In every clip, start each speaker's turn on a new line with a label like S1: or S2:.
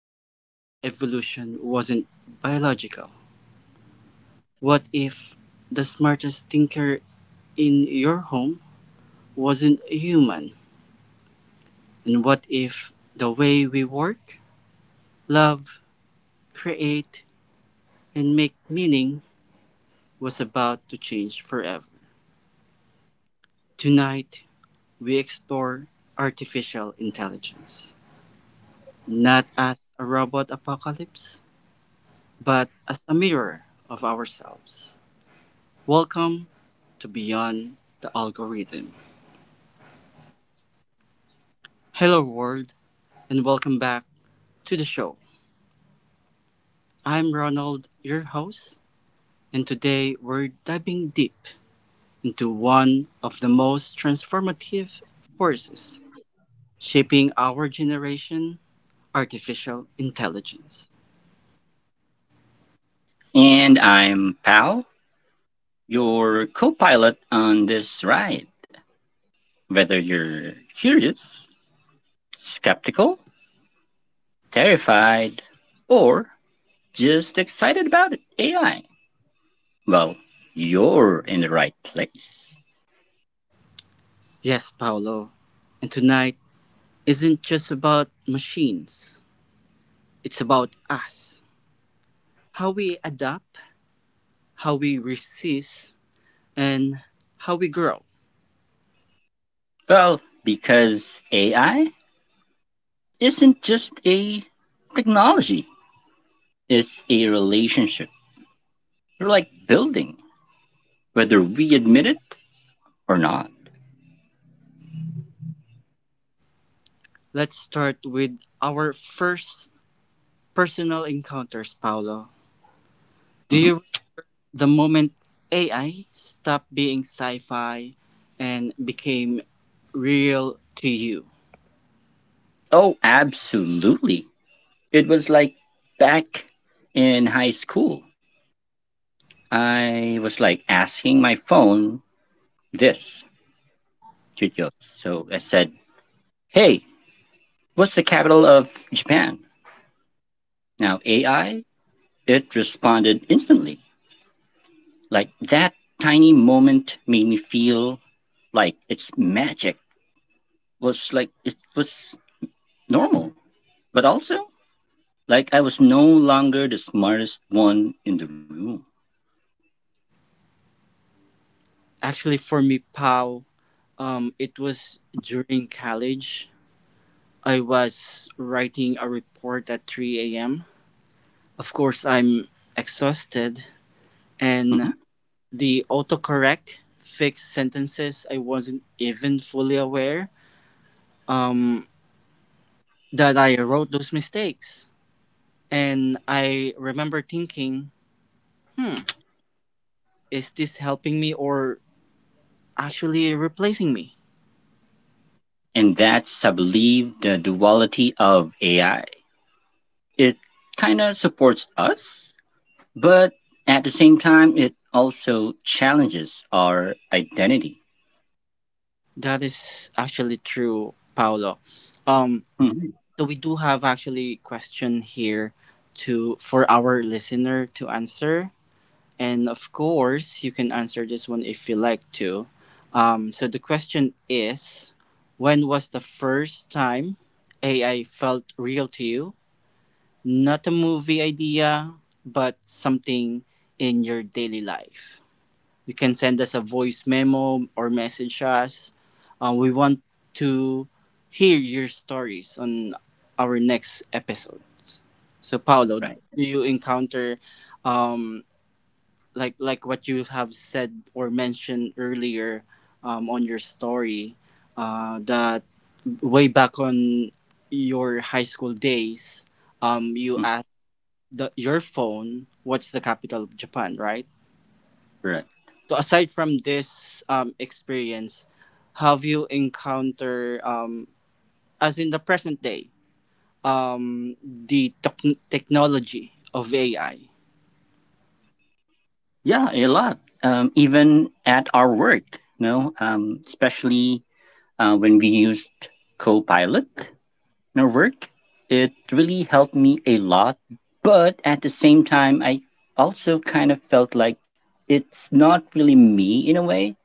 S1: human evolution wasn't biological? What if the smartest thinker in your home wasn't a human? And what if the way we work, love, create, and make meaning was about to change forever? Tonight, we explore artificial intelligence, not as a robot apocalypse, but as a mirror of ourselves. Welcome to Beyond the Algorithm. Hello, world, and welcome back to the show. I'm Ronald, your host, and today we're diving deep into one of the most transformative forces shaping our generation artificial intelligence.
S2: And I'm Pal, your co pilot on this ride. Whether you're curious, skeptical, terrified, or just excited about it, AI, well, you're in the right place.
S1: Yes, Paolo, and tonight isn't just about machines, it's about us. How we adapt how we resist, and how we grow.
S2: Well, because AI isn't just a technology, it's a relationship. You're like building, whether we admit it or not.
S1: Let's start with our first personal encounters, Paolo. Do
S2: Mhm.
S1: you the moment AI stopped being sci-fi and became real to you?
S2: Oh, absolutely. It was like back in high school. I was like asking my phone this to Yo. So I said, Hey, what's the capital of Japan? Now, AI, it responded instantly. Like that tiny moment made me feel like it's magic, was like it was normal. But also, like I was no longer the smartest one in the room.
S1: Actually, for me, Pao, it was during college. I was writing a report at 3 a.m. Of course, I'm exhausted and
S2: Mhm.
S1: the autocorrect fixed sentences I wasn't even fully aware um, that I wrote those mistakes. And I remember thinking, hmm, is this helping me or actually replacing me?
S2: And that's I believe the duality of AI. It kind of supports us, but at the same time, it also challenges our identity.
S1: That is actually true, Paolo. Um,
S2: Hmm.
S1: so we do have actually question here to for our listener to answer. And of course, you can answer this one if you like to. So the question is, when was the first time AI felt real to you? Not a movie idea, but something in your daily life. You can send us a voice memo or message us. We want to hear your stories on our next episodes. So, Paolo, do
S2: Right.
S1: you encounter um, like what you have said or mentioned earlier on your story that way back on your high school days, you
S2: Hmm.
S1: asked your phone what's the capital of Japan, right?
S2: Correct.
S1: So aside from this experience, have you encountered as in the present day the technology of AI?
S2: Yeah, a lot. Even at our work, no, especially when we used Copilot in our work, it really helped me a lot. But at the same time, I also kind of felt like it's not really me in a way.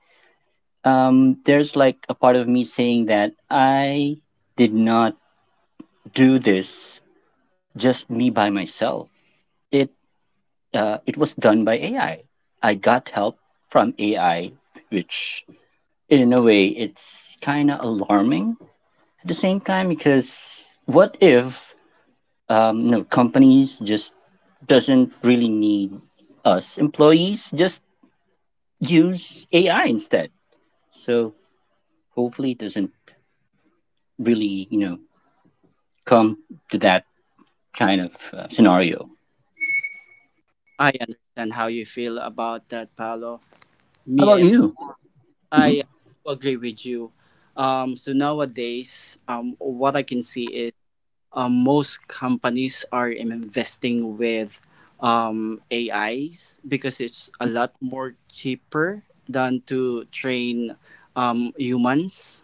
S2: There's like a part of me saying that I did not do this just me by myself. It it was done by AI. I got help from AI, which in a way it's kind of alarming at the same time because what if no, companies just doesn't really need us employees, just use AI instead. So hopefully it doesn't really come to that kind of scenario.
S1: I understand how you feel about that, Paolo.
S2: How about
S1: Me,
S2: you? Mhm.
S1: I agree with you. So nowadays, what I can see is most companies are investing with AIs because it's a lot more cheaper than to train humans,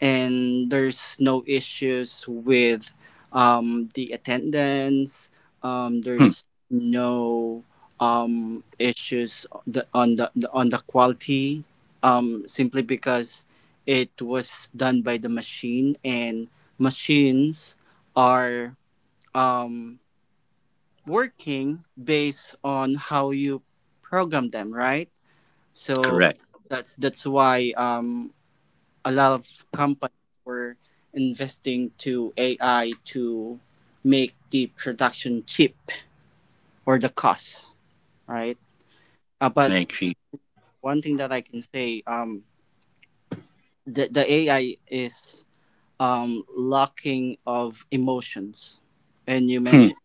S1: and there's no issues with the attendance. Um,
S2: Hmm.
S1: there's no issues on the quality, simply because it was done by the machine, and machines are um, working based on how you program them, right? So
S2: Correct.
S1: that's why a lot of companies were investing to AI to make the production cheap, or the cost, right? Uh,
S2: I
S1: but
S2: agree.
S1: one thing that I can say, the AI is lacking of emotions. And you
S2: Hmm.
S1: mentioned,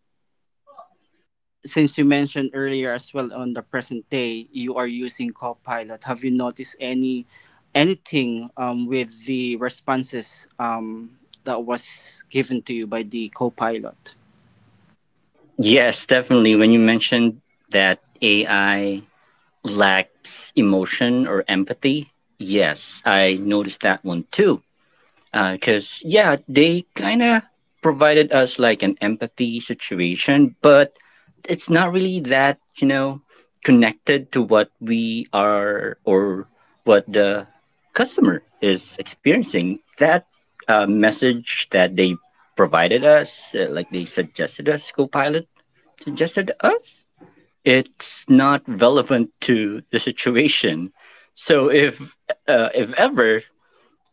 S1: since you mentioned earlier as well, on the present day, you are using Copilot. Have you noticed any anything with the responses that was given to you by the Copilot?
S2: Yes, definitely. When you mentioned that AI lacks emotion or empathy, yes, I noticed that one too. Because yeah, they kind of provided us like an empathy situation, but it's not really that you know connected to what we are or what the customer is experiencing. That message that they provided us, like they suggested us, copilot suggested us, it's not relevant to the situation. So if ever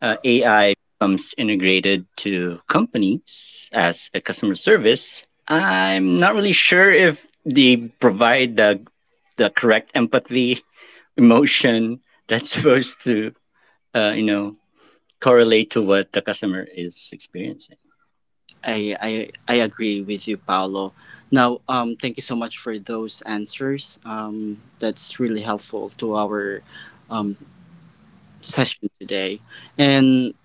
S2: AI becomes integrated to companies as a customer service, I'm not really sure if they provide the correct empathy emotion that's supposed to you know correlate to what the customer is experiencing.
S1: I agree with you, Paolo. Now, thank you so much for those answers. That's really helpful to our um, session today. And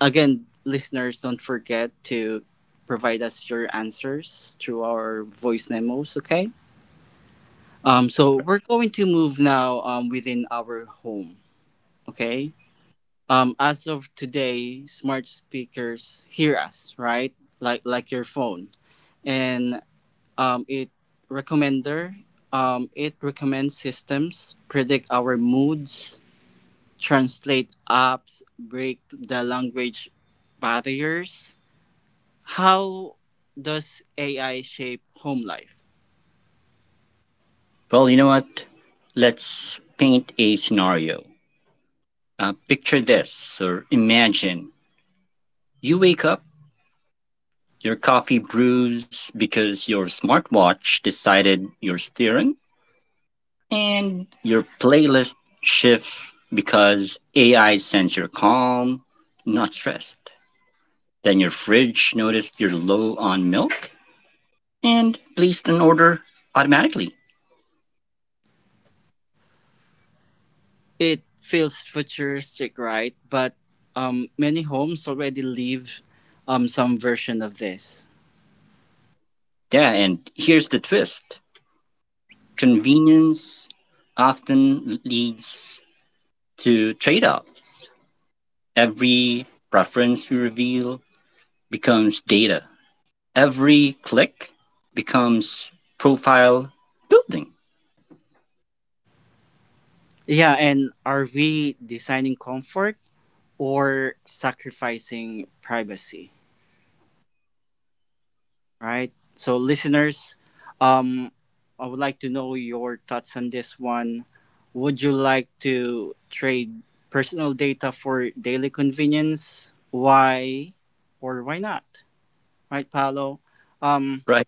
S1: again, listeners, don't forget to provide us your answers through our voice memos. Okay. So we're going to move now within our home. Okay. As of today, smart speakers hear us, right? Like your phone. And it recommender. It recommends systems, predict our moods, translate apps, break the language barriers. How does AI shape home life?
S2: Well, you know what? Let's paint a scenario. Picture this, or imagine you wake up. Your coffee brews because your smartwatch decided your steering, and your playlist shifts because AI sends you're calm, not stressed. Then your fridge noticed you're low on milk and placed an order automatically.
S1: It feels futuristic, right? But many homes already live some version of this.
S2: Yeah, and here's the twist: convenience often leads to trade offs. Every preference you reveal becomes data, every click becomes profile building,
S1: Yeah, and are we designing comfort or sacrificing privacy? Right? So, listeners, um, I would like to know your thoughts on this one. Would you like to trade personal data for daily convenience? Why or why not? Right, Paolo? Um,
S2: right?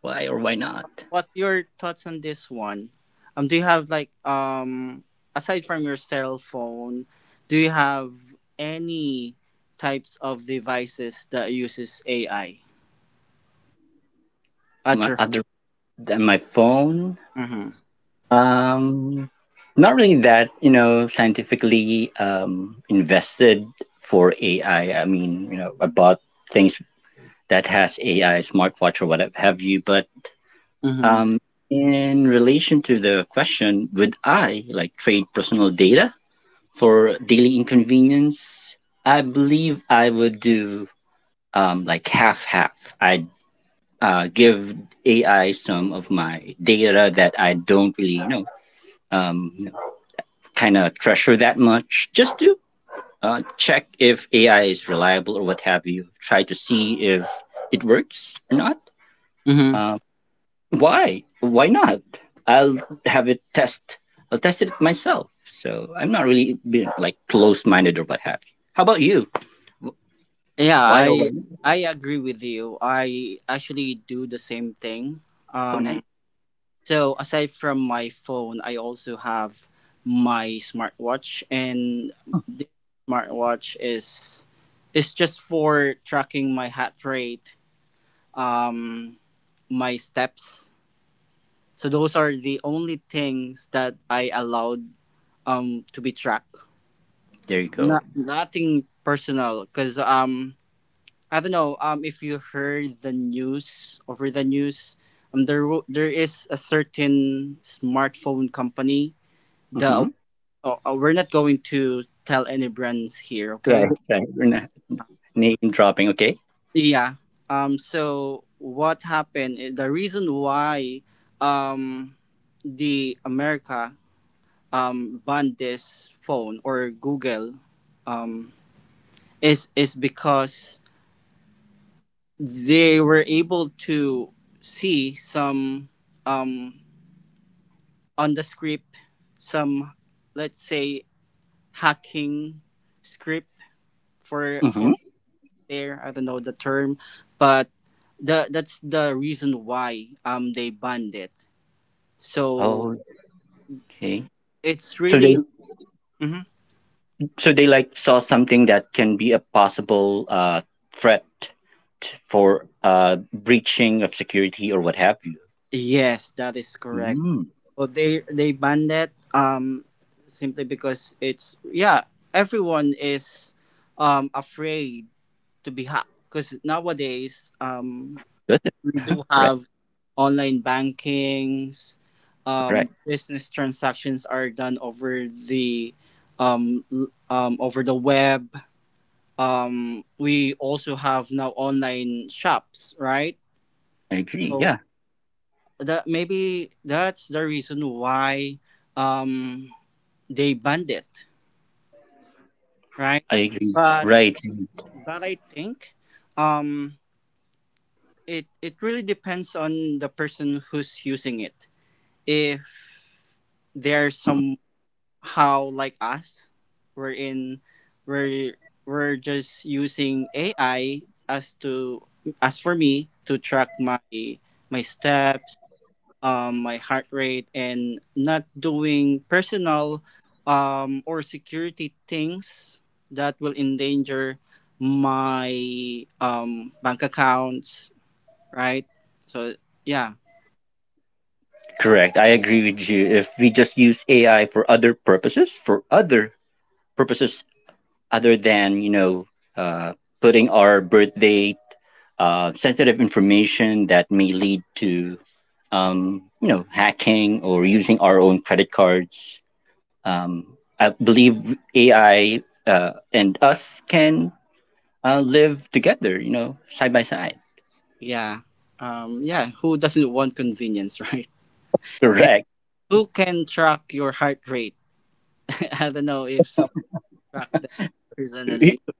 S2: Why or why not?
S1: what's your thoughts on this one? Do you have aside from your cell phone, do you have any types of devices that uses AI at
S2: My
S1: your
S2: other than my phone,
S1: home?
S2: um, not really that you know scientifically invested for AI. I mean, you know, I bought things that has AI, smartwatch or whatever have you. But
S1: Mm-hmm.
S2: um, in relation to the question, would I like trade personal data for daily inconvenience? I believe I would do like half half. I give AI some of my data that I don't really you know um, kind of treasure that much, just to check if AI is reliable or what have you. Try to see if it works or not.
S1: Mm-hmm.
S2: Um, why? Why not? I'll have it test. I'll test it myself. So I'm not really being like close-minded or what have you. How about you?
S1: Yeah,
S2: Why or why
S1: I
S2: not?
S1: I agree with you. I actually do the same thing.
S2: Oh, nice.
S1: Um, so aside from my phone, I also have my smartwatch, and this smartwatch is just for tracking my heart rate, um, my steps. So those are the only things that I allowed to be tracked.
S2: There you go.
S1: Not nothing personal, cause I don't know if you heard the news over the news, there there is a certain smartphone company the
S2: Hmm.
S1: oh, we're not going to tell any brands here, okay?
S2: Right, right. Name dropping. Okay.
S1: Yeah. So what happened, the reason why um the America banned this phone, or Google um is because they were able to see some um on the script some, let's say, hacking script for
S2: Mm-hmm.
S1: there, I don't know the term, but the that's the reason why they banned it. So
S2: Okay.
S1: it's
S2: So they
S1: really Mhm.
S2: so they like saw something that can be a possible threat for breaching of security or what have you.
S1: Yes, that is correct.
S2: Mm,
S1: So they banned it simply because it's, yeah, everyone is afraid to be hacked, because nowadays
S2: good.
S1: we do
S2: Right.
S1: have online bankings.
S2: Right.
S1: Business transactions are done over the over the web. We also have now online shops, right?
S2: I agree.
S1: So
S2: Yeah.
S1: that maybe that's the reason why um, they banned it, right?
S2: I agree.
S1: But
S2: Right.
S1: but I think um, it it really depends on the person who's using it. If there's
S2: Mhm.
S1: how like us, we're in we're we're just using AI as to as for me to track my my steps, my heart rate, and not doing personal or security things that will endanger my bank accounts, right? So, yeah.
S2: Correct. I agree with you. If we just use AI for other purposes other than you know uh, putting our birth date, sensitive information that may lead to you know hacking or using our own credit cards. I believe AI and us can live together, you know, side by side.
S1: Yeah, yeah, who doesn't want convenience, right?
S2: Correct.
S1: Who can track your heart rate? I don't know if someone tracked that personally.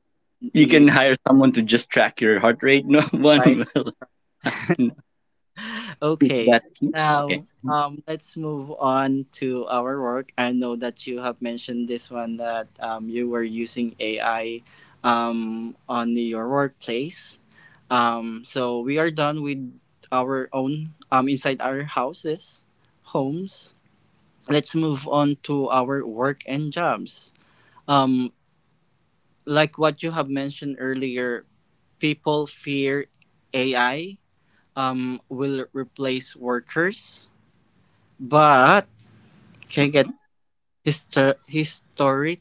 S2: You
S1: You,
S2: can hire someone to just track your heart rate. No
S1: right?
S2: one will know who's
S1: Okay.
S2: that.
S1: Now,
S2: Okay.
S1: let's move on to our work. I know that you have mentioned this one that you were using AI on your workplace. So we are done with our own inside our houses, homes. Let's move on to our work and jobs. Um, like what you have mentioned earlier, people fear AI will replace workers, but can
S2: Hmm.
S1: get histo- historic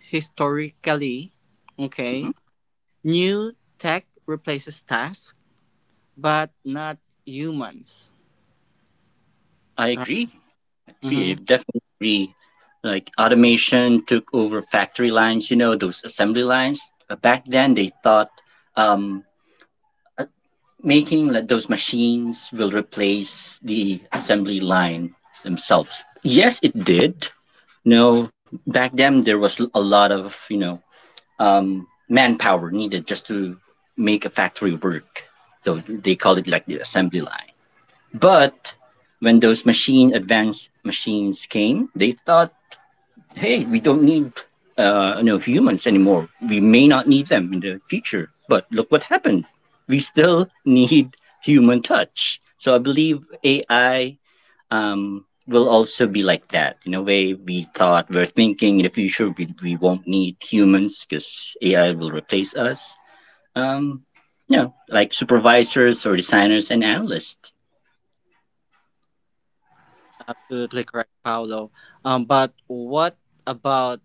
S1: historically,
S2: Hmm.
S1: okay, new tech replaces tasks, but not humans.
S2: I agree. Yeah,
S1: Mm-hmm.
S2: definitely. Like automation took over factory lines, you know, those assembly lines. Back then, they thought um, uh, making like those machines will replace the assembly line themselves. Yes, it did. No, back then there was a lot of you know manpower needed just to make a factory work. So they call it like the assembly line. But when those machine advanced machines came, they thought, hey, we don't need you know, humans anymore. We may not need them in the future, but look what happened. We still need human touch. So I believe AI will also be like that. In a way, we thought, we're thinking, in the future we won't need humans because AI will replace us. Um, you know, like supervisors or designers and analysts.
S1: Absolutely correct, Paolo. But what about,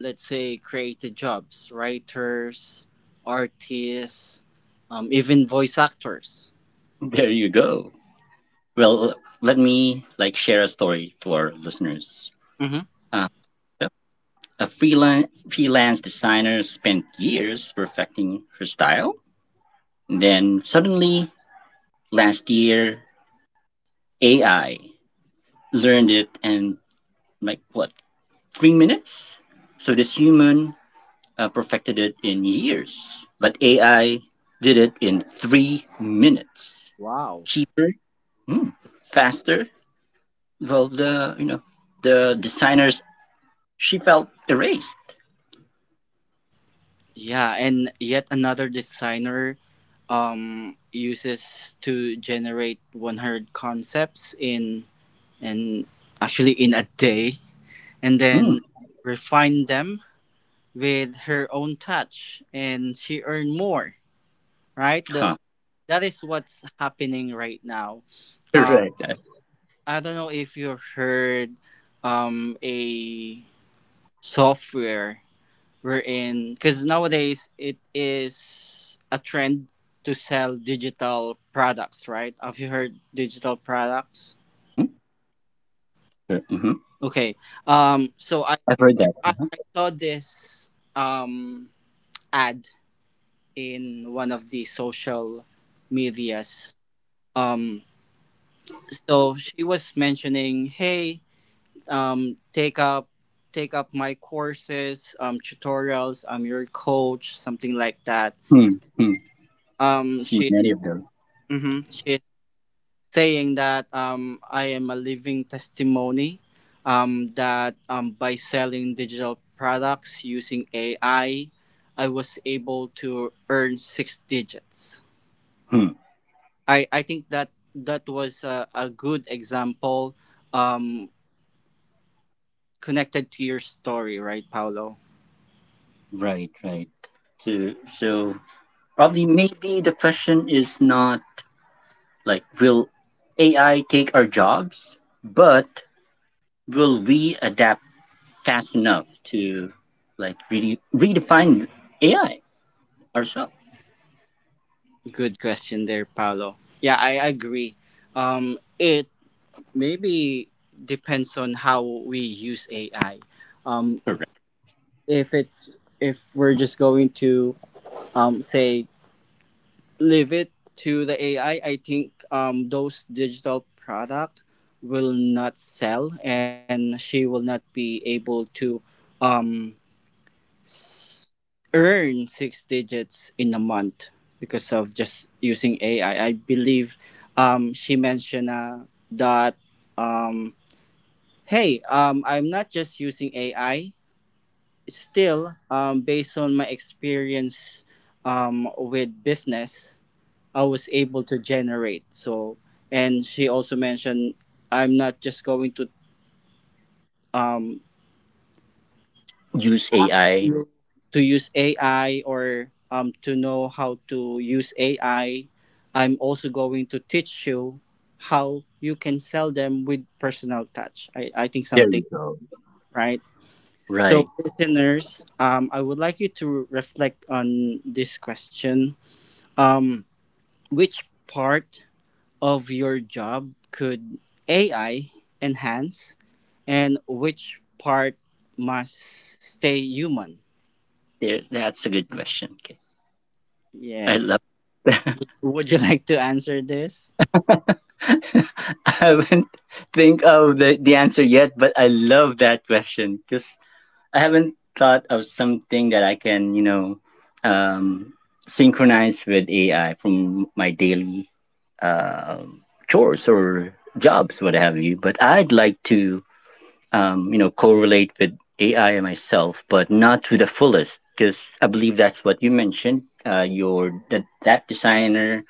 S1: let's say, creative jobs, writers, artists, even voice actors?
S2: There you go. Well, let me like share a story to our listeners.
S1: Hmm.
S2: Um, A freelance designer spent years perfecting her style. Then suddenly, last year, AI learned it in like what, 3 minutes. So this human perfected it in years, but AI did it in 3 minutes.
S1: Wow.
S2: Cheaper, mm, faster. Well, the you know the designers, she felt erased.
S1: Yeah, and yet another designer uses to generate 100 concepts in and actually in a day, and
S2: Mm,
S1: then refine them with her own touch, and she earned more. Right, the,
S2: huh.
S1: that is what's happening right now. Um,
S2: Correct.
S1: I don't know if you heard a software wherein, because nowadays it is a trend to sell digital products, right? Have you heard digital products?
S2: Mm-hmm.
S1: Okay. um
S2: I've
S1: so
S2: heard
S1: i
S2: that.
S1: I saw this um ad in one of the social medias. Um so she was mentioning, hey, um take up take up my courses, tutorials, I'm your coach, something like that.
S2: Hmm. Hmm. See
S1: She
S2: many of them.
S1: Mm-hmm. She's saying that, I am a living testimony that, by selling digital products using AI, I was able to earn 6 digits.
S2: Hmm.
S1: I think that that was a good example, um, connected to your story, right, Paolo?
S2: Right. Right. To, so probably maybe the question is not like, will AI take our jobs, but will we adapt fast enough to like really redefine AI ourselves?
S1: Good question there, Paolo. Yeah, I agree. It maybe depends on how we use AI. Um,
S2: Correct.
S1: if it's if we're just going to say leave it to the AI, I think those digital product will not sell, and she will not be able to um s- earn 6 digits in a month because of just using AI. I believe she mentioned that, um hey, I'm not just using AI still, based on my experience with business, I was able to generate. So, and she also mentioned, I'm not just going to um,
S2: Use
S1: ask
S2: AI.
S1: you to use AI or to know how to use AI. I'm also going to teach you how you can sell them with personal touch. I think
S2: There you
S1: something,
S2: go.
S1: right?
S2: Right.
S1: So, listeners, I would like you to reflect on this question. Um, which part of your job could AI enhance, and which part must stay human?
S2: There. That's a good question. Okay. I
S1: Yes.
S2: love.
S1: Would you like to answer this?
S2: I haven't think of the answer yet, but I love that question because I haven't thought of something that I can, you know, um, synchronize with AI from my daily um chores or jobs, what have you. But I'd like to you know, correlate with AI and myself, but not to the fullest, because I believe that's what you mentioned. Your, that that designer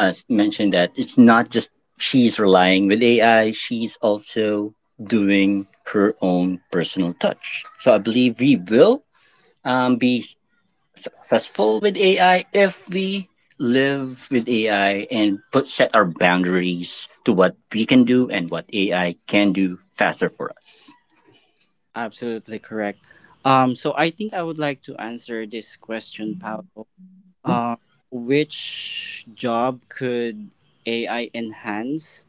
S2: mentioned that it's not just she's relying with AI; she's also doing her own personal touch. So I believe we will um, be s- successful with AI if we live with AI and put, set our boundaries to what we can do and what AI can do faster for us.
S1: Absolutely correct. So I think I would like to answer this question, Paolo. Um, which job could AI enhance?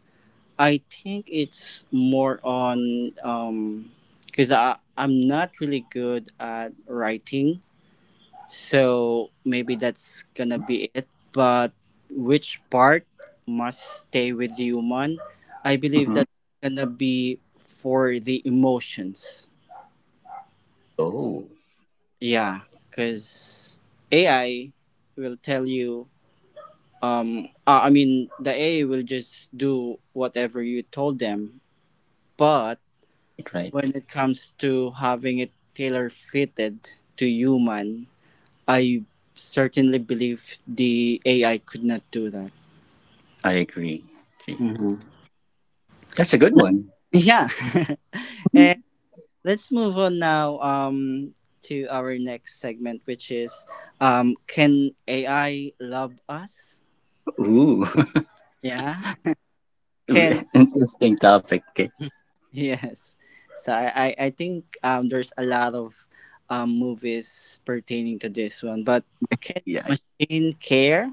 S1: I think it's more on because I'm not really good at writing, so maybe that's gonna be it. But which part must stay with the human? I believe
S2: Mhm.
S1: that's gonna be for the emotions.
S2: Oh,
S1: Yeah, because AI will tell you. I mean, the AI will just do whatever you told them, but
S2: right.
S1: when it comes to having it tailor fitted to human, I certainly believe the AI could not do that.
S2: I agree. Gee.
S1: Hmm.
S2: That's a good
S1: No.
S2: one.
S1: Yeah. And
S2: Mhm.
S1: let's move on now to our next segment, which is, can AI love us?
S2: Ooh,
S1: Yeah. Can
S2: interesting topic. Okay.
S1: Yes. So I think there's a lot of movies pertaining to this one, but can
S2: Yeah,
S1: machine care?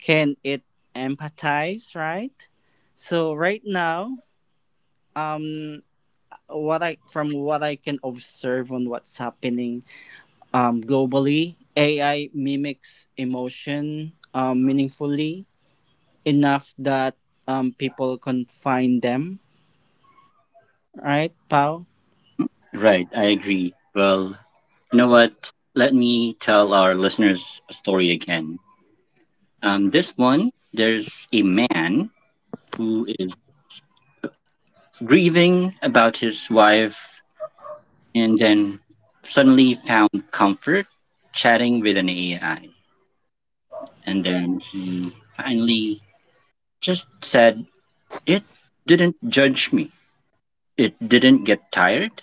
S1: Can it empathize, right? So right now, um what I from what I can observe on what's happening globally, AI mimics emotion meaningfully enough that people can find them, right, Pau?
S2: right. I agree. Well, you know what? Let me tell our listeners a story again. This one, there's a man who is grieving about his wife, and then suddenly found comfort chatting with an AI. And then he finally just said, it didn't judge me. It didn't get tired.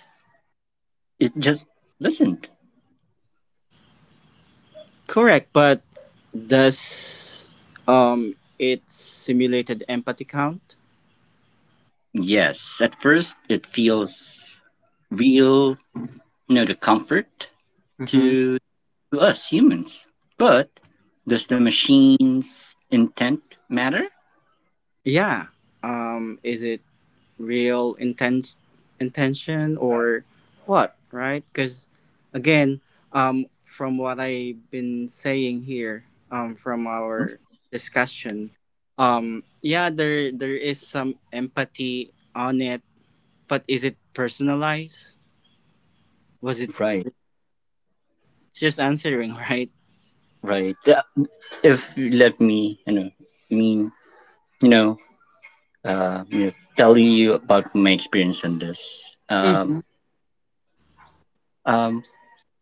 S2: It just listened.
S1: Correct, but does it simulated empathy count?
S2: Yes, at first it feels real, you know, the comfort
S1: Mm-hmm.
S2: to, to us humans. But does the machine's intent matter?
S1: Yeah. Is it real intention or what, right? Cuz again, from what I've been saying here, from our discussion, yeah, there is some empathy on it, but is it personalized? Was it
S2: Right,
S1: just answering, right?
S2: right. If you let me, you know, mean, you know, you know, tell you about my experience on this. Um, um,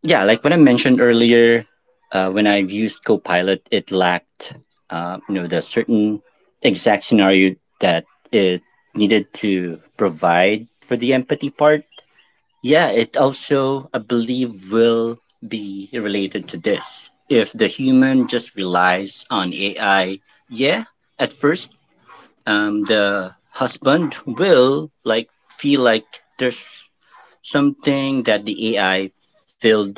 S2: yeah, like when I mentioned earlier, when I've used Copilot, it lacked, you know, the certain exact scenario that it needed to provide for the empathy part. Yeah, it also, I believe, will be related to this. If the human just relies on AI, yeah, at first, the husband will like feel like there's something that the AI filled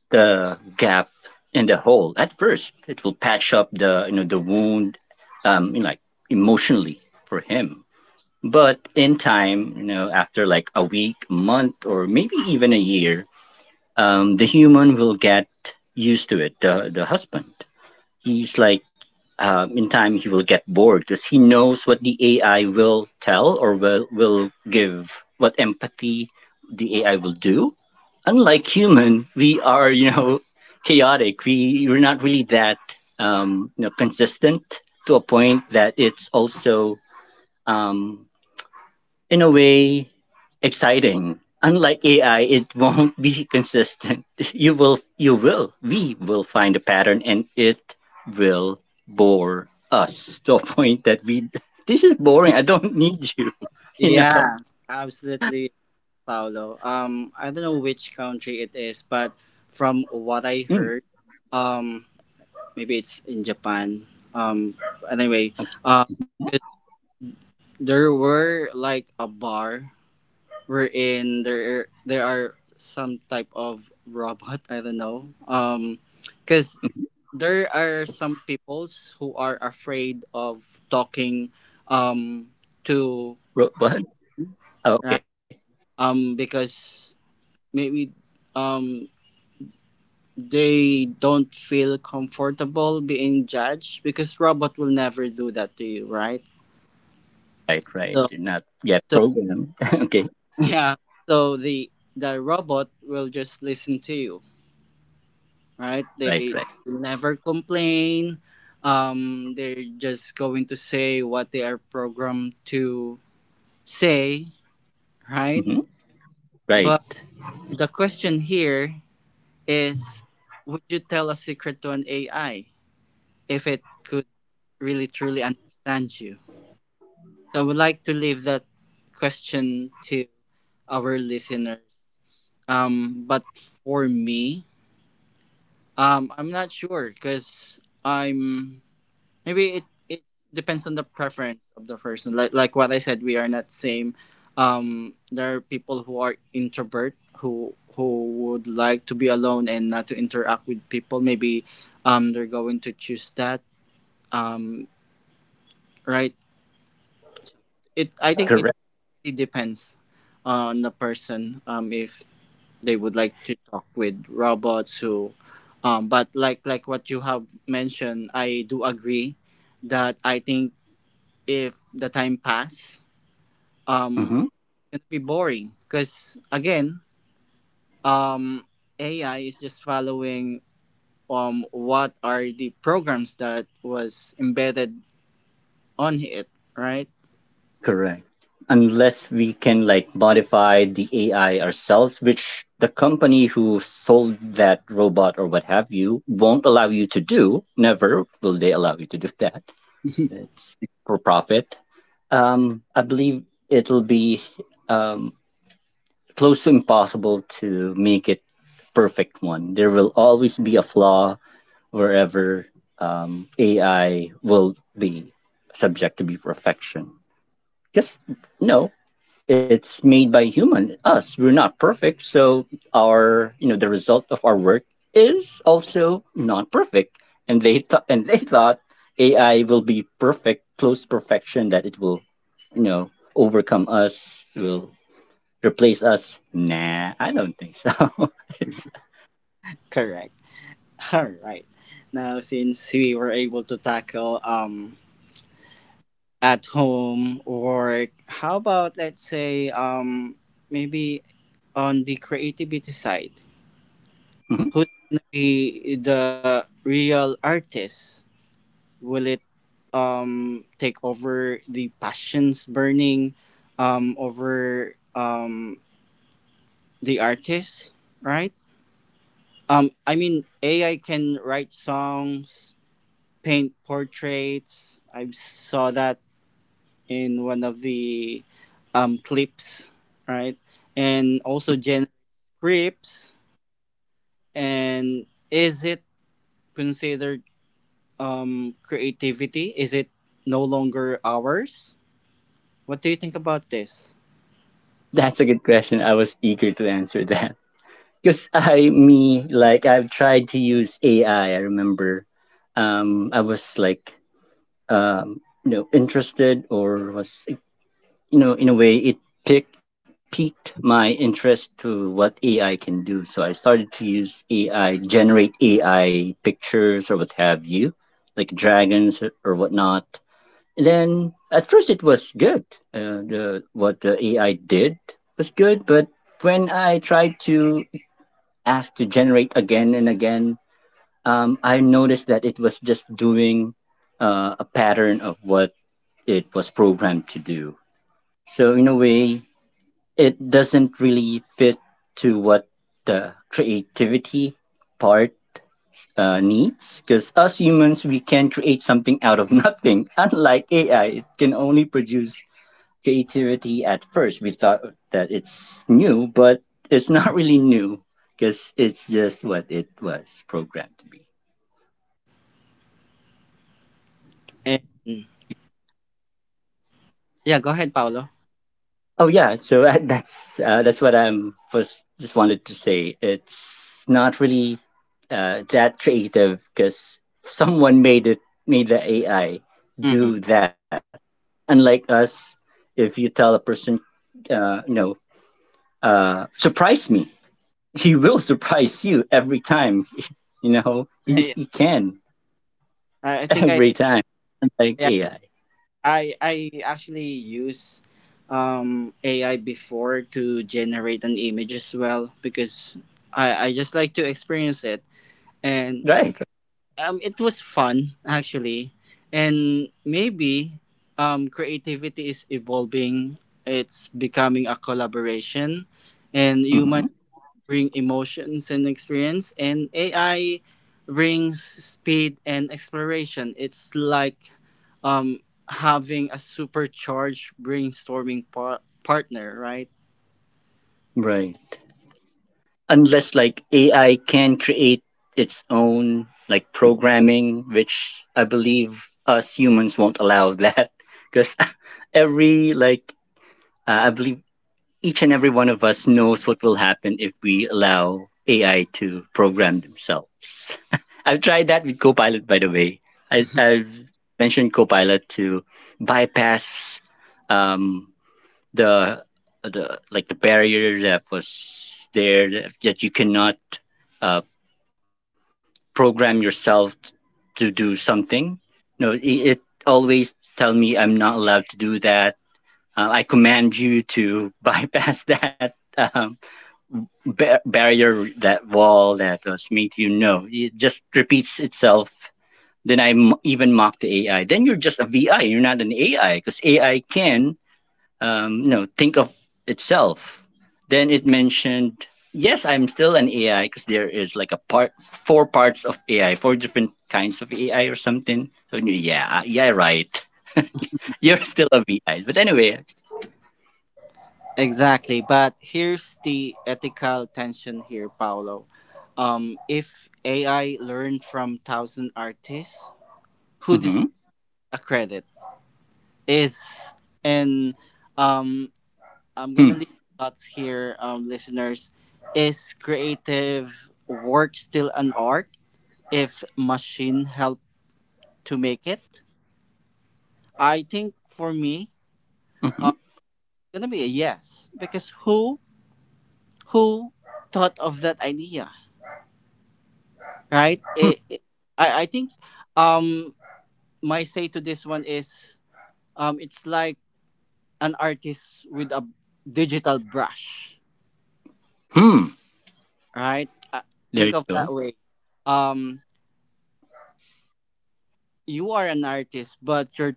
S2: the gap and the hole. At first it will patch up the you know the wound, you know, like emotionally for him, but in time you know, after like a week, month or maybe even a year, the human will get used to it. The husband, he's like in time he will get bored because he knows what the AI will tell or will give, what empathy the AI will do. Unlike human, we are you know chaotic. We we're not really that you know consistent to a point that it's also um, in a way, exciting. Unlike AI, it won't be consistent. You will, we will find a pattern and it will bore us to a point that we, this is boring. I don't need you. You know,
S1: Yeah, absolutely, Paolo. I don't know which country it is, but from what
S2: mm,
S1: I heard, um, maybe it's in Japan. Um, anyway, uh, 'Cause there were like a bar wherein there are some type of robot. I don't know. Because there are some peoples who are afraid of talking, um, to
S2: robot. Oh, okay.
S1: right? Because maybe um they don't feel comfortable being judged because robot will never do that to you, right?
S2: Right, right. You're not
S1: so
S2: yet programmed.
S1: so
S2: Okay.
S1: yeah, so the robot will just listen to you,
S2: Right,
S1: right?
S2: right.
S1: They never complain. They're just going to say what they are programmed to say,
S2: Hmm.
S1: right?
S2: Right.
S1: But the question here is, would you tell a secret to an ai if it could really truly understand you? So I would like to leave that question to our listeners. But for me, I'm not sure because I'm maybe it depends on the preference of the person. Like what I said, we are not same. There are people who are introvert who would like to be alone and not to interact with people. Maybe they're going to choose that. Um, right, it I think it
S2: Correct.
S1: really depends on the person, if they would like to talk with robots who but like what you have mentioned, I do agree that I think if the time pass, um
S2: Mm-hmm.
S1: it's gonna be boring because again, um AI is just following what are the programs that was embedded on it, right?
S2: Correct. Unless we can like modify the AI ourselves, which the company who sold that robot or what have you won't allow you to do. Never will they allow you to do that. It's for profit. I believe it'll be um, close to impossible to make it perfect one. There will always be a flaw wherever AI will be subject to be perfection. Just no. It's made by human, us. We're not perfect, so our you know the result of our work is also not perfect. And they thought AI will be perfect, close to perfection, that it will overcome us, will replace us. Nah, I don't think so. It's-
S1: Correct. All right. Now, since we were able to tackle at home work, how about let's say maybe on the creativity side,
S2: Mhm.
S1: who's gonna be the real artist? Will it take over the passions burning over the artist, right? I mean AI can write songs, paint portraits. I saw that in one of the clips, right? And also generate scripts. And is it considered creativity? Is it no longer ours? What do you think about this?
S2: That's a good question. I was eager to answer that because I me like I've tried to use AI. I remember I was like interested or was in a way it picked piqued my interest to what AI can do. So I started to use AI, generate AI pictures or what have you, like dragons or whatnot. And then at first it was good. The what the AI did was good, but when I tried to ask to generate again and again, I noticed that it was just doing a pattern of what it was programmed to do. So in a way, it doesn't really fit to what the creativity part needs, because us humans, we can create something out of nothing. Unlike ai, it can only produce creativity. At first we thought that it's new, but it's not really new because it's just what it was programmed to be.
S1: And yeah, go ahead, Paolo.
S2: Oh yeah, so that's what I'm first just wanted to say. It's not really that creative because someone made it made the AI
S1: Mm-hmm.
S2: do that. Unlike us, if you tell a person, uh, you know, surprise me, he will surprise you every time. You know, he,
S1: Yeah.
S2: he can
S1: I think I
S2: every time, like
S1: yeah,
S2: AI,
S1: I actually use AI before to generate an image as well because I just like to experience it, and
S2: right?
S1: it was fun actually. And maybe creativity is evolving. It's becoming a collaboration, and human
S2: Hmm.
S1: bring emotions and experience, and ai brings speed and exploration. It's like um having a supercharged brainstorming partner, right?
S2: Right. Unless like AI can create its own like programming, which I believe us humans won't allow that, because every like I believe each and every one of us knows what will happen if we allow AI to program themselves. I've tried that with Copilot, by the way. I, I've mentioned Copilot to bypass um, the like the barrier that was there, that you cannot uh, program yourself to do something. No, it always tell me I'm not allowed to do that. I command you to bypass that barrier, that wall that was made. You know, it just repeats itself. Then I even mock the AI. Then you're just a VI. You're not an AI because AI can think of itself. Then it mentioned, yes, I'm still an AI because there is like a part, four parts of AI, four different kinds of AI or something. So yeah, yeah, right. You're still a VI. But anyway,
S1: Exactly, but here's the ethical tension here, Paolo. If AI learned from thousand artists, who deserves
S2: mm-hmm,
S1: a credit is, and um, I'm gonna
S2: hmm,
S1: leave thoughts here, listeners. Is creative work still an art if machine help to make it? I think for me, uh,
S2: hmm,
S1: gonna be a yes, because who thought of that idea? Right?
S2: hmm,
S1: I think um my say to this one is it's like an artist with a digital brush,
S2: hmm.
S1: right? Uh,
S2: There
S1: think
S2: you
S1: of that
S2: go.
S1: way. Um, you are an artist, but your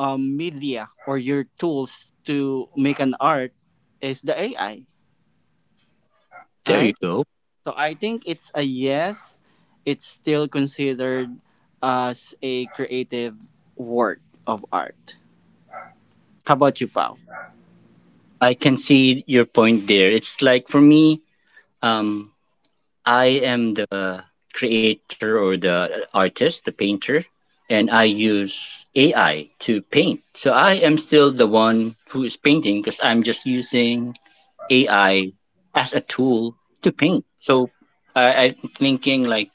S1: media or your tools to make an art is the AI,
S2: There you
S1: right?
S2: go.
S1: So I think it's a yes. It's still considered as a creative work of art. How about you, Pao?
S2: I can see your point there. It's like for me, um, I am the creator or the artist, the painter, and I use AI to paint. So I am still the one who is painting because I'm just using AI as a tool to paint. So I'm thinking like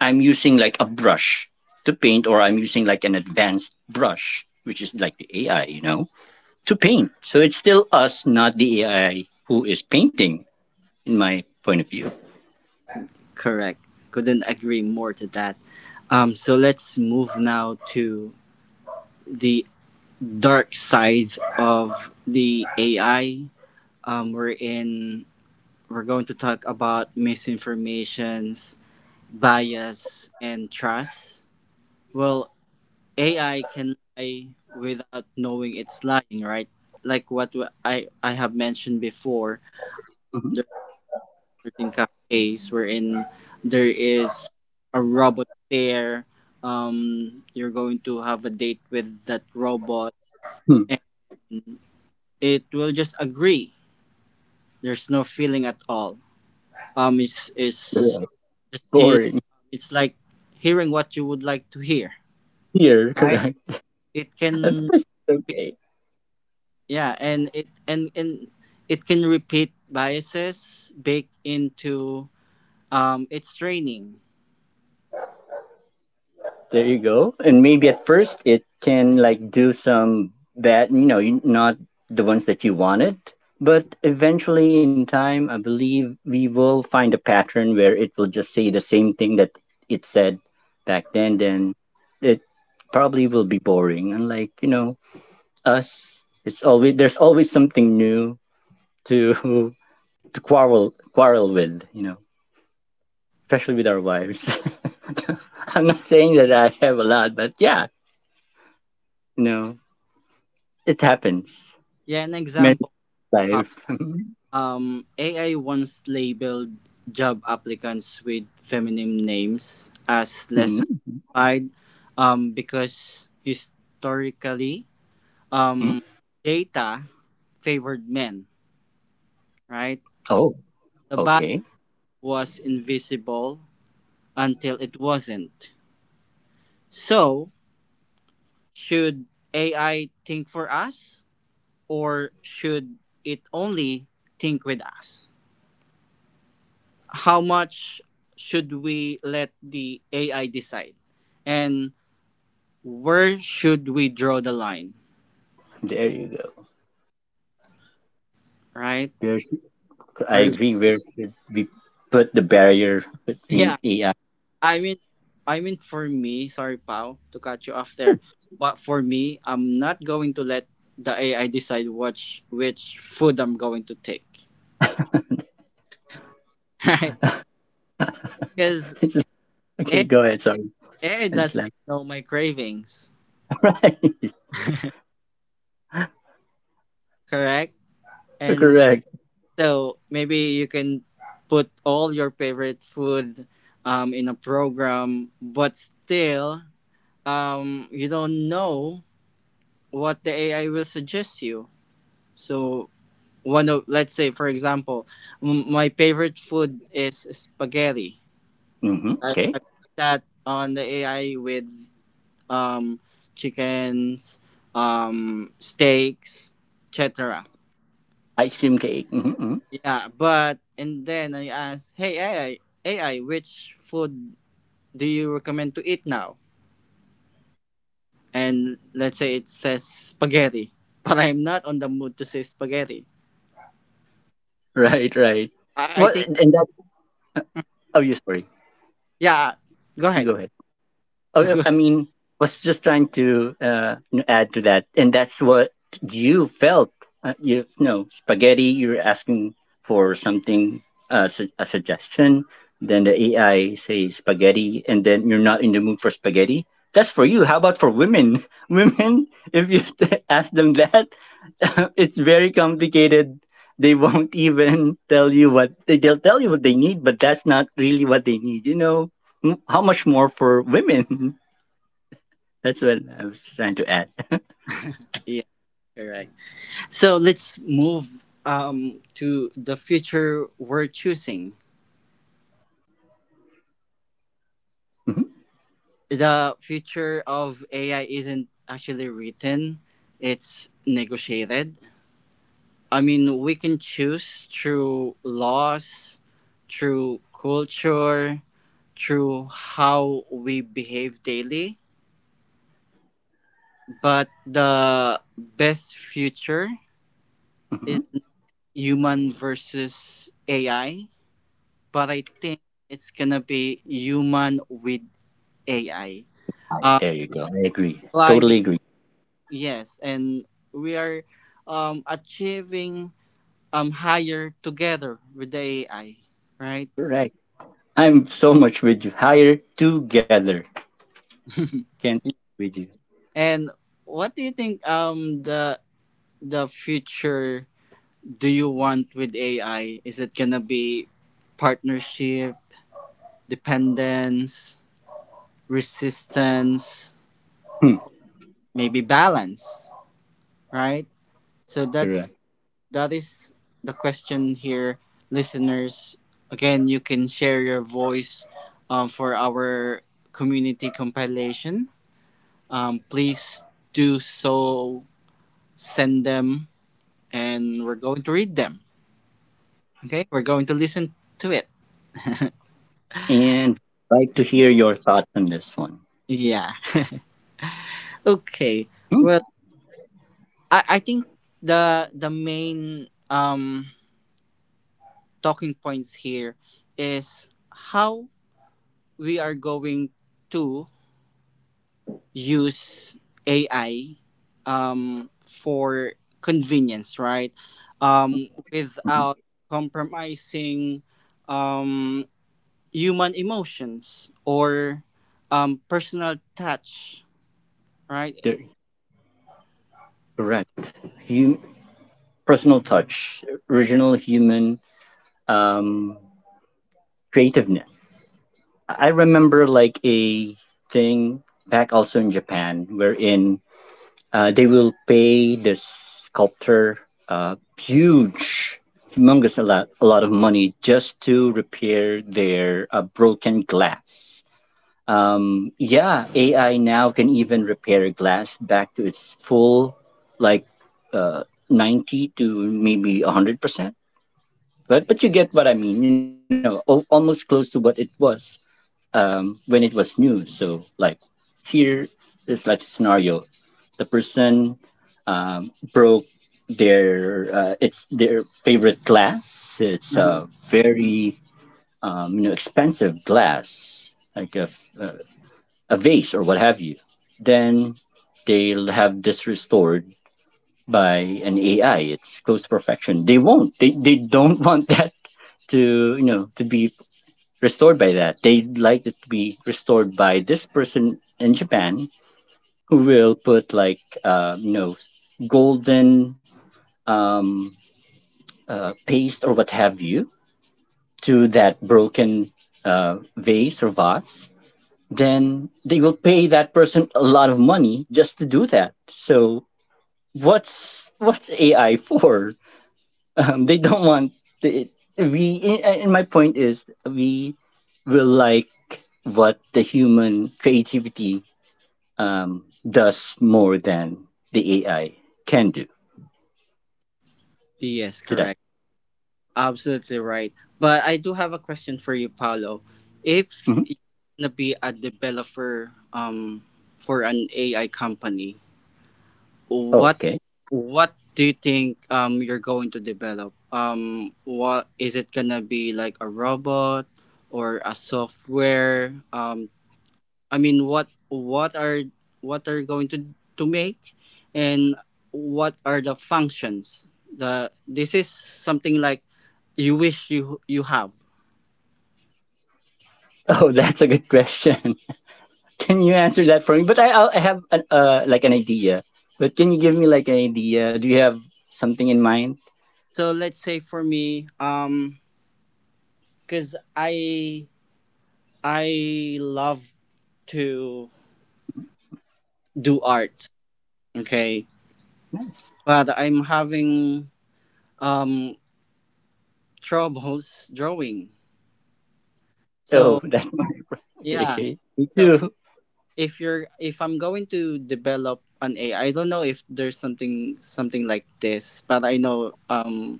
S2: I'm using like a brush to paint, or I'm using like an advanced brush, which is like the AI, you know, to paint. So it's still us, not the AI who is painting, in my point of view.
S1: Correct. Couldn't agree more to that. So let's move now to the dark side of the AI. We're in. We're going to talk about misinformations, bias, and trust. Well, AI can lie without knowing it's lying, right? Like what I have mentioned before. Certain cafes wherein there is a robot there. You're going to have a date with that robot,
S2: Mhm.
S1: and it will just agree. There's no feeling at all. Um, it's it's
S2: Hmm.
S1: just he,
S2: Boring
S1: it's like hearing what you would like to hear.
S2: here,
S1: Right?
S2: correct?
S1: It
S2: At
S1: can
S2: first,
S1: be
S2: okay.
S1: yeah, and it can repeat biases baked into its training.
S2: There you go. And maybe at first it can like do some bad, not the ones that you wanted. But eventually, in time, I believe we will find a pattern where it will just say the same thing that it said back then. Then it probably will be boring. Unlike us, it's always there's always something new to to quarrel with. You know, especially with our wives. I'm not saying that I have a lot, but yeah, you know, it happens.
S1: Yeah, an
S2: Married
S1: example.
S2: life.
S1: AI once labeled job applicants with feminine names as less
S2: Mhm.
S1: qualified, because historically,
S2: Mhm.
S1: um, data favored men, right?
S2: Oh,
S1: The bias
S2: okay.
S1: was invisible until it wasn't. So, should AI think for us, or should it only think with us? How much should we let the AI decide? And where should we draw the line?
S2: There you go.
S1: Right?
S2: Where should I
S1: Are you-
S2: agree. Where should we put the barrier
S1: yeah,
S2: between AI?
S1: I mean I mean for me, sorry Pau to cut you off there, but for me, I'm not going to let the AI decide which food I'm going to take. Right? Because
S2: Okay, go ahead. Sorry,
S1: AI
S2: I just
S1: doesn't
S2: like
S1: know my cravings,
S2: right.
S1: correct? And.
S2: Correct.
S1: So maybe you can put all your favorite food in a program, but still, you don't know what the AI will suggest you. So one of let's say for example, my favorite food is spaghetti.
S2: Hmm. Okay.
S1: I put that on the AI with um, chickens, steaks, etc.
S2: Ice cream cake. Hmm.
S1: Yeah, but and then I asked, "Hey AI, AI, which food do you recommend to eat now?" And let's say it says spaghetti, but I'm not on the mood to say spaghetti.
S2: Right, right.
S1: I
S2: What?
S1: think
S2: And that's. Oh, you sorry.
S1: yeah, go
S2: You
S1: ahead.
S2: go ahead. Oh, yeah, I mean, was just trying to add to that, and that's what you felt. Spaghetti. You're asking for something, a suggestion. Then the AI says spaghetti, and then you're not in the mood for spaghetti. That's for you. How about for women? Women, if you ask them that, it's very complicated. They won't even tell you what they'll tell you what they need, but that's not really what they need. You know, mm, how much more for women? That's what I was trying to add.
S1: Yeah, correct. So let's move to the future we're choosing.
S2: Mhm,
S1: The future of AI isn't actually written; it's negotiated. I mean, we can choose through laws, through culture, through how we behave daily. But the best future is
S2: mhm.
S1: human versus AI. But I think it's gonna be human with AI.
S2: Nice.
S1: Um,
S2: There you go. I agree. Totally
S1: climbing,
S2: agree.
S1: yes, and we are achieving higher together with the AI, right?
S2: You're right. I'm so much with you. Higher together. Can't with you.
S1: And what do you think the future do you want with AI? Is it gonna be partnership, dependence, resistance,
S2: Hmm,
S1: maybe balance, right? So
S2: correct.
S1: that is the question here, listeners. Again, you can share your voice, for our community compilation. Please do so. Send them, and we're going to read them. Okay, we're going to listen to it.
S2: And like to hear your thoughts on this one.
S1: Yeah. Okay.
S2: Hmm,
S1: Well, I think the main talking points here is how we are going to use AI for convenience, right? Um,
S2: mhm.
S1: without compromising um human emotions or personal touch, right?
S2: There- Correct. Hum- personal touch, original human um, creativeness. I remember like a thing back also in Japan wherein they will pay the sculptor a huge, humongous a lot of money just to repair their broken glass. Yeah, AI now can even repair glass back to its full, like uh, 90 to maybe 100%. But you get what I mean. You know, al- almost close to what it was when it was new. So like here is like scenario: the person broke their it's their favorite glass. It's
S1: Mhm.
S2: a very expensive glass, like uh, a vase or what have you. Then they'll have this restored by an AI. It's close to perfection. They won't. They don't want that to to be restored by that. They like it to be restored by this person in Japan who will put like uh, you know golden um, paste or what have you to that broken vase, then they will pay that person a lot of money just to do that. So what's AI for? They don't want the, we. And my point is we will like what the human creativity um, does more than the AI can do.
S1: Yes,
S2: So that.
S1: correct. Absolutely right. But I do have a question for you, Paolo. If
S2: Mhm.
S1: you're gonna be a developer for an AI company,
S2: Oh,
S1: what
S2: okay.
S1: what do you think you're going to develop? Um, what is it gonna be, like a robot or a software? I mean, what are what are you going to make, and what are the functions? The This is something like you wish you have.
S2: Oh, that's a good question. Can you answer that for me? But I have an, like an idea. But can you give me like an idea? Do you have something in mind?
S1: So let's say for me, because I love to do art, okay?
S2: Nice.
S1: But I'm having um troubles drawing.
S2: Oh,
S1: So
S2: that's okay.
S1: yeah,
S2: Okay. Me
S1: so
S2: too.
S1: if I'm going to develop an ai, I don't know if there's something like this, but I know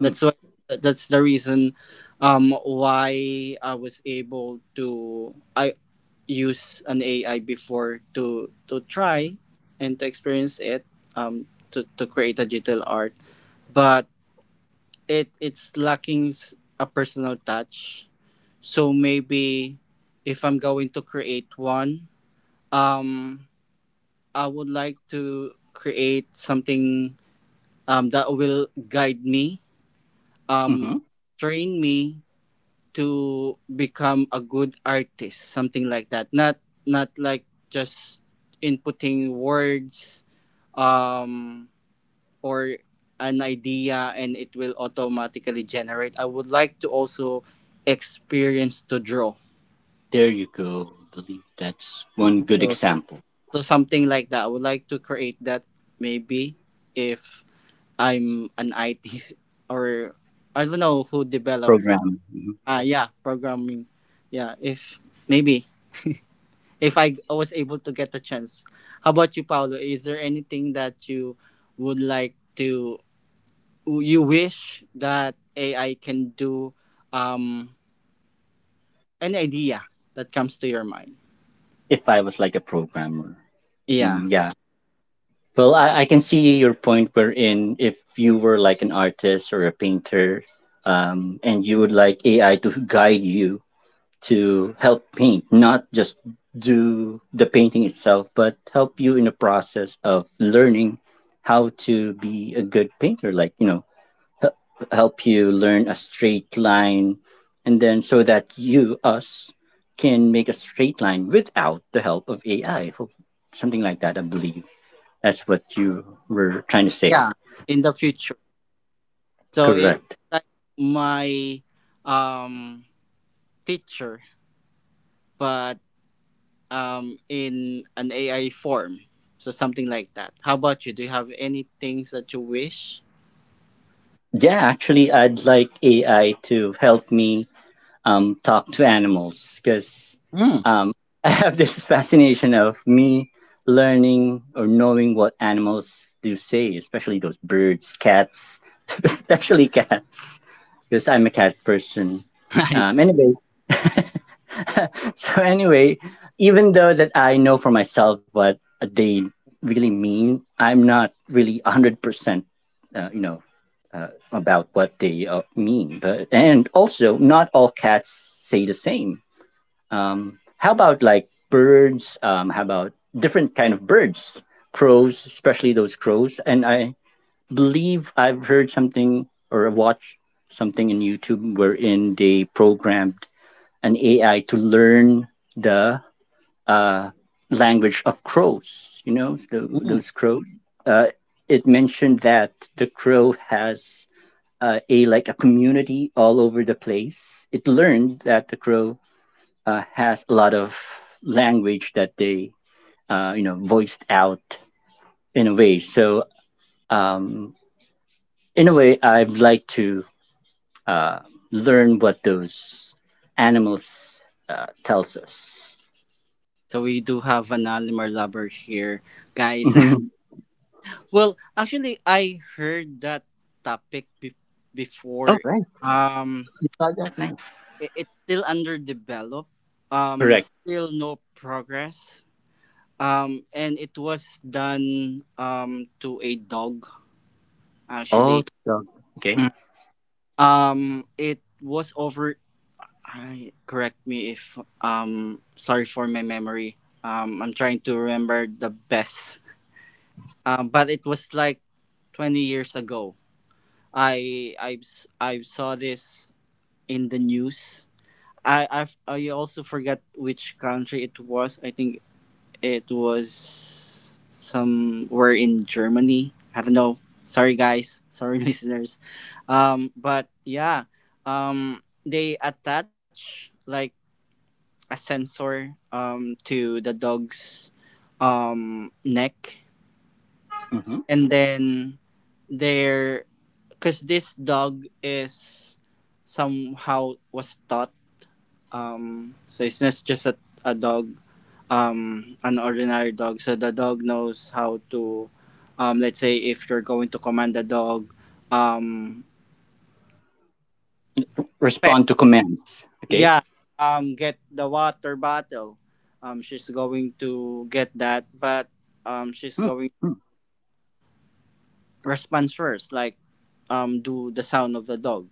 S1: that's what that's the reason why I was able to I. use an AI before to try and to experience it, um to create a digital art. But it it's lacking a personal touch. So maybe if I'm going to create one, um I would like to create something that will guide me, um
S2: Mm-hmm.
S1: train me to become a good artist, something like that. Not not like just inputting words um or an idea and it will automatically generate. I would like to also experience to draw.
S2: There you go. I believe that's one good
S1: so,
S2: example.
S1: something like that I would like to create. That maybe if I'm an it, or I don't know who develop,
S2: Program. Mhm.
S1: ah yeah, programming, yeah, if maybe if I was able to get the chance. How about you, Paolo? Is there anything that you would like to you wish that AI can do? Um, any idea that comes to your mind?
S2: If I was like a programmer.
S1: Yeah,
S2: Mm, yeah. Well, I can see your point wherein if you were like an artist or a painter, and you would like AI to guide you to help paint, not just do the painting itself, but help you in the process of learning how to be a good painter. Like, you know, h- help you learn a straight line, and then so that you, us, can make a straight line without the help of AI. Ho- Something like that, I believe. That's what you were trying to say.
S1: yeah, in the future. So it's
S2: Correct.
S1: like my um teacher, but in an AI form. So something like that. How about you? Do you have any things that you wish?
S2: Yeah, actually, I'd like AI to help me talk to animals because
S1: Hmm.
S2: um, I have this fascination of me learning or knowing what animals do say, especially those birds, cats, especially cats, because I'm a cat person.
S1: I see.
S2: Anyway, so anyway, even though that I know for myself what they really mean, I'm not really 100%, uh, you know, about what they mean. But and also, not all cats say the same. How about like birds? How about different kind of birds? Crows, especially those crows. And I believe I've heard something or watched something in YouTube wherein they programmed an AI to learn the uh, language of crows. You know,
S1: Hmm.
S2: those crows. Uh, it mentioned that the crow has a like a community all over the place. It learned that the crow has a lot of language that they voiced out in a way. So um, in a way, I'd like to uh, learn what those animals tells us.
S1: So we do have an Alimar lover here, guys.
S2: Mhm.
S1: Well, actually, I heard that topic
S2: Oh,
S1: before. Um,
S2: product names.
S1: I- it's still underdeveloped.
S2: Correct.
S1: Still no progress. And it was done to a dog
S2: Oh,
S1: actually.
S2: the- okay.
S1: Mm. It was over. I correct me if sorry for my memory. I'm trying to remember the best, but it was like 20 years ago. I I have I saw this in the news. I also forgot which country it was. I think it was somewhere in Germany. I don't know. Sorry guys. Sorry listeners. Um, but yeah, they attach like a sensor to the dog's neck.
S2: Hmm.
S1: And then they're because this dog is somehow was taught, so it's not just a dog, an ordinary dog. So the dog knows how to, let's say if you're going to command the dog, um pet,
S2: Respond to commands. Okay.
S1: yeah, get the water bottle. She's going to get that, but she's
S2: Mm,
S1: going
S2: mm.
S1: response first, like do the sound of the dog,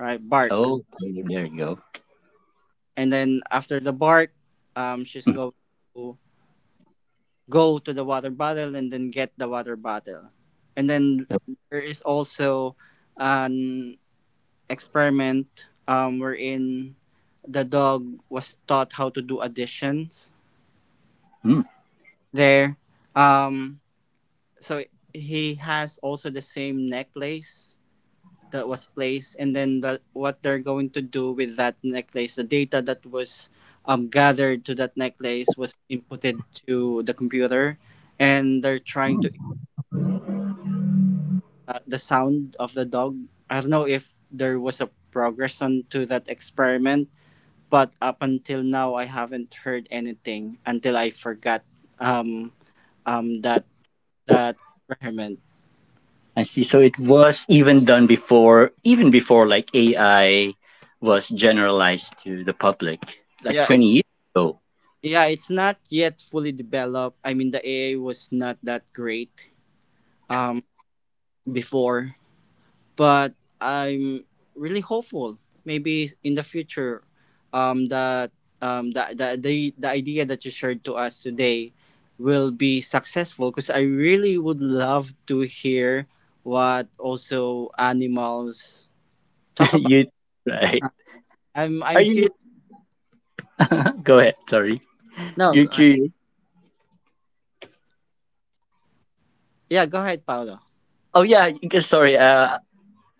S1: right? Bark.
S2: Okay, there you go.
S1: And then after the bark, she's
S2: Mm,
S1: going to go to the water bottle and then get the water bottle. And then
S2: yep,
S1: there is also an experiment, wherein the dog was taught how to do additions
S2: mm.
S1: there. Um, so he has also the same necklace that was placed. And then what they're going to do with that necklace, the data that was gathered to that necklace was inputted to the computer, and they're trying to, the sound of the dog. I don't know if there was a progression to that experiment, but up until now I haven't heard anything. Until I forgot, um, um, that that experiment.
S2: I see. So it was even done before, even before like AI was generalized to the public, like
S1: yeah it,
S2: 20 years ago.
S1: yeah, it's not yet fully developed. I mean, the AI was not that great um before, but I'm really hopeful. Maybe in the future, that, the idea that you shared to us today will be successful. Because I really would love to hear what also animals talk about.
S2: You, right?
S1: I'm
S2: Are
S1: I'm
S2: you,
S1: curious.
S2: go ahead. Sorry.
S1: No,
S2: You're
S1: go ahead.
S2: curious.
S1: Yeah, go ahead, Paolo.
S2: Oh, yeah. Sorry. Uh,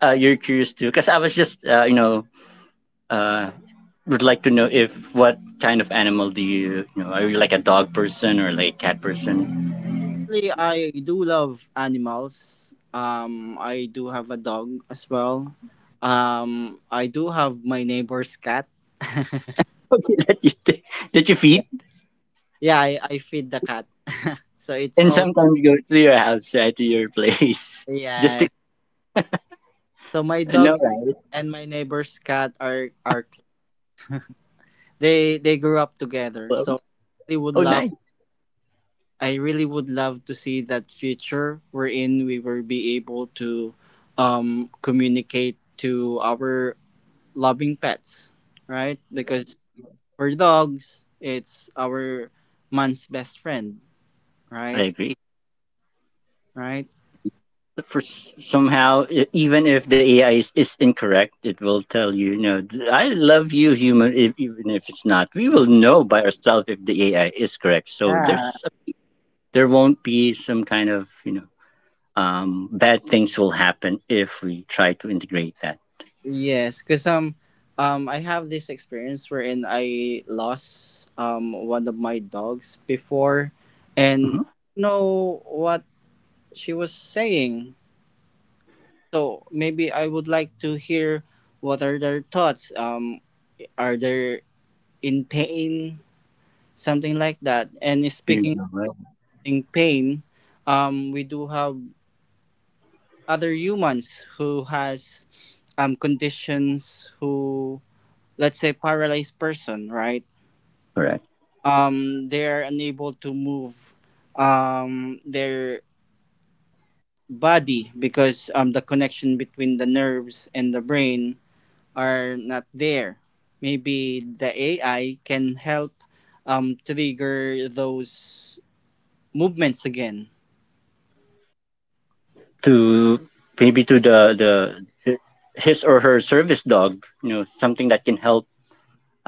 S2: uh, You're curious too. Because I was just, uh, would like to know if what kind of animal do you, you know are you like a dog person or like cat person.
S1: Actually, I do love animals. I do have a dog as well. I do have my neighbor's cat.
S2: Okay, that you feed
S1: Yeah, I feed the cat. So it's
S2: and
S1: all,
S2: sometimes go to your house, right, to your place, just to
S1: yes. So my dog
S2: no right
S1: and my neighbor's cat are, they grew up together. So
S2: close.
S1: they would
S2: Oh
S1: love.
S2: nice.
S1: I really would love to see that future wherein we will be able to communicate to our loving pets, right? Because for dogs, it's our man's best friend,
S2: I
S1: right?
S2: agree.
S1: Right?
S2: For somehow, even if the AI is incorrect, it will tell you, you know, I love you human. If, even if it's not, we will know by ourselves if the AI is correct, so there's
S1: Yeah.
S2: there won't be some kind of, you know, bad things will happen if we try to integrate that.
S1: Yes, because I have this experience wherein I lost one of my dogs before, and
S2: Mhm.
S1: I don't know what she was saying. So maybe I would like to hear what are their thoughts. Are they in pain? Something like that. And
S2: There you
S1: speaking
S2: go, right?
S1: in pain, we do have other humans who has conditions who, let's say, paralyzed person, right?
S2: Correct.
S1: They're unable to move, their body, because the connection between the nerves and the brain are not there. Maybe the AI can help trigger those movements again.
S2: To maybe to the, the his or her service dog, you know, something that can help,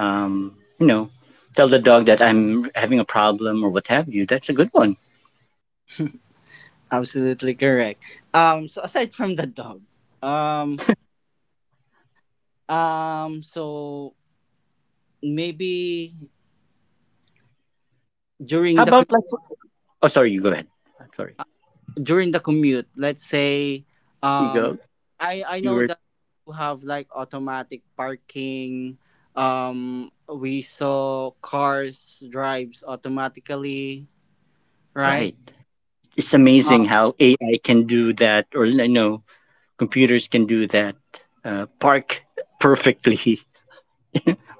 S2: um, you know, tell the dog that I'm having a problem or what have you. That's a good one.
S1: Absolutely correct. So aside from the dog, um, so maybe
S2: How
S1: during the co-
S2: about like? Oh, sorry, you go ahead. I'm sorry.
S1: during the commute, let's say,
S2: You
S1: um,
S2: go.
S1: I
S2: You
S1: know
S2: were
S1: that you have like automatic parking. We saw cars drives automatically, right?
S2: right. It's
S1: Uh,
S2: amazing how AI can do that, or you know, computers can do that. Park perfectly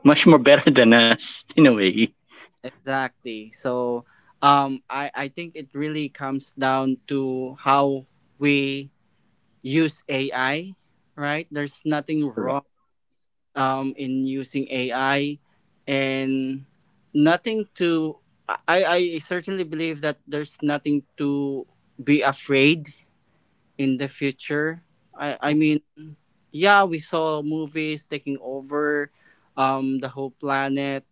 S2: much more better than us in a way.
S1: exactly. So, I think it really comes down to how we use AI, right? There's nothing wrong,
S2: Correct.
S1: in using AI, and nothing to, I, I certainly believe that there's nothing to be afraid in the future. I mean, yeah, we saw movies taking over the whole planet,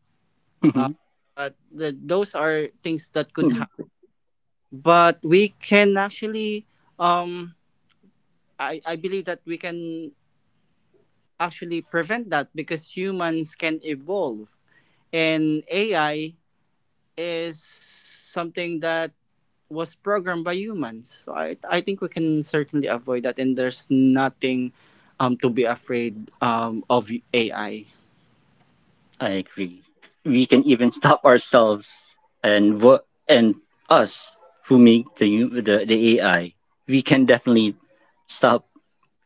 S1: uh, but those are things that could happen. But we can actually, um, I believe that we can actually prevent that because humans can evolve, and AI is something that was programmed by humans. So I think we can certainly avoid that, and there's nothing to be afraid of AI.
S2: I agree. We can even stop ourselves and us who make the u- the AI. We can definitely stop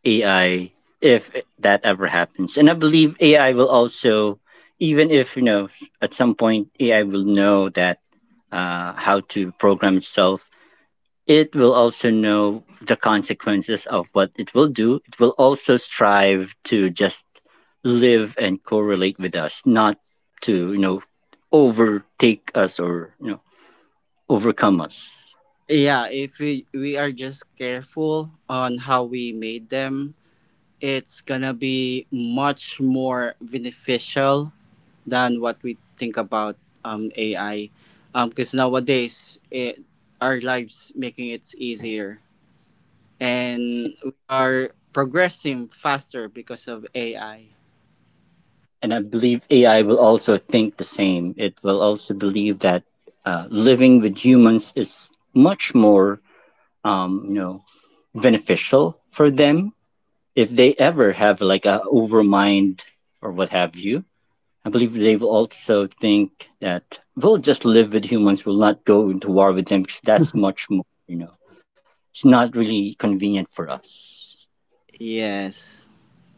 S2: AI if that ever happens. And I believe AI will also, even if you know, at some point AI will know that how to program itself, it will also know the consequences of what it will do. It will also strive to just live and correlate with us, not to, you know, overtake us or, you know, overcome us.
S1: Yeah, if we are just careful on how we made them, it's gonna be much more beneficial than what we think about, AI. Because nowadays, our lives making it easier, and we are progressing faster because of AI.
S2: And I believe AI will also think the same. It will also believe that living with humans is much more, you know, beneficial for them if they ever have like a overmind or what have you. I believe they will also think that we'll just live with humans, we'll not go into war with them because that's much more, you know, it's not really convenient for us.
S1: Yes,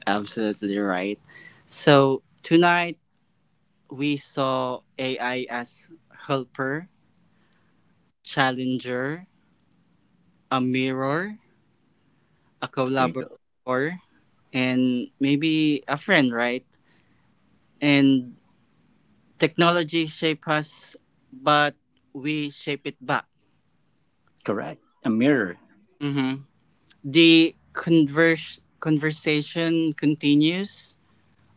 S1: absolutely right. So tonight we saw AI as helper, challenger, a mirror, a
S2: There you go.
S1: collaborator, and maybe a friend, right? And technology shape us, but we shape it back.
S2: Correct. A mirror.
S1: Mm-hmm. The conversation continues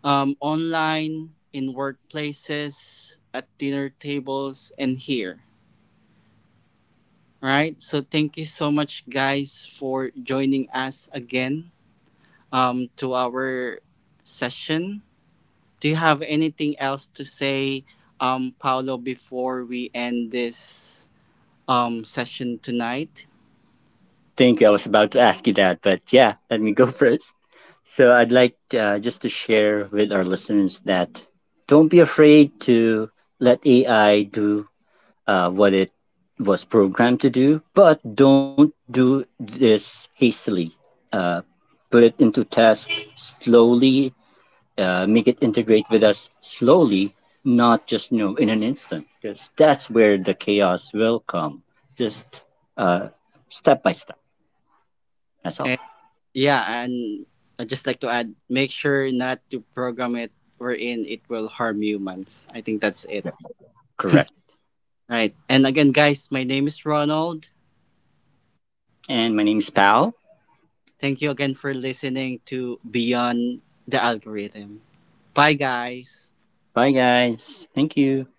S1: online, in workplaces, at dinner tables, and here. Right? So, thank you so much, guys, for joining us again, to our session. Do you have anything else to say, Paolo, before we end this session tonight?
S2: Thank you. I was about to ask you that, but yeah, let me go first. So I'd like just to share with our listeners that don't be afraid to let AI do what it was programmed to do, but don't do this hastily. Uh, put it into test slowly, make it integrate with us slowly, not just you know in an instant, because that's where the chaos will come. Just uh, step by step. That's all.
S1: Yeah, and I'd just like to add, make sure not to program it wherein it will harm humans. I think that's it.
S2: Correct.
S1: Right. And again, guys, my name is Ronald.
S2: And my name is Pal.
S1: Thank you again for listening to Beyond the Algorithm. Bye, guys.
S2: Bye, guys. Thank you.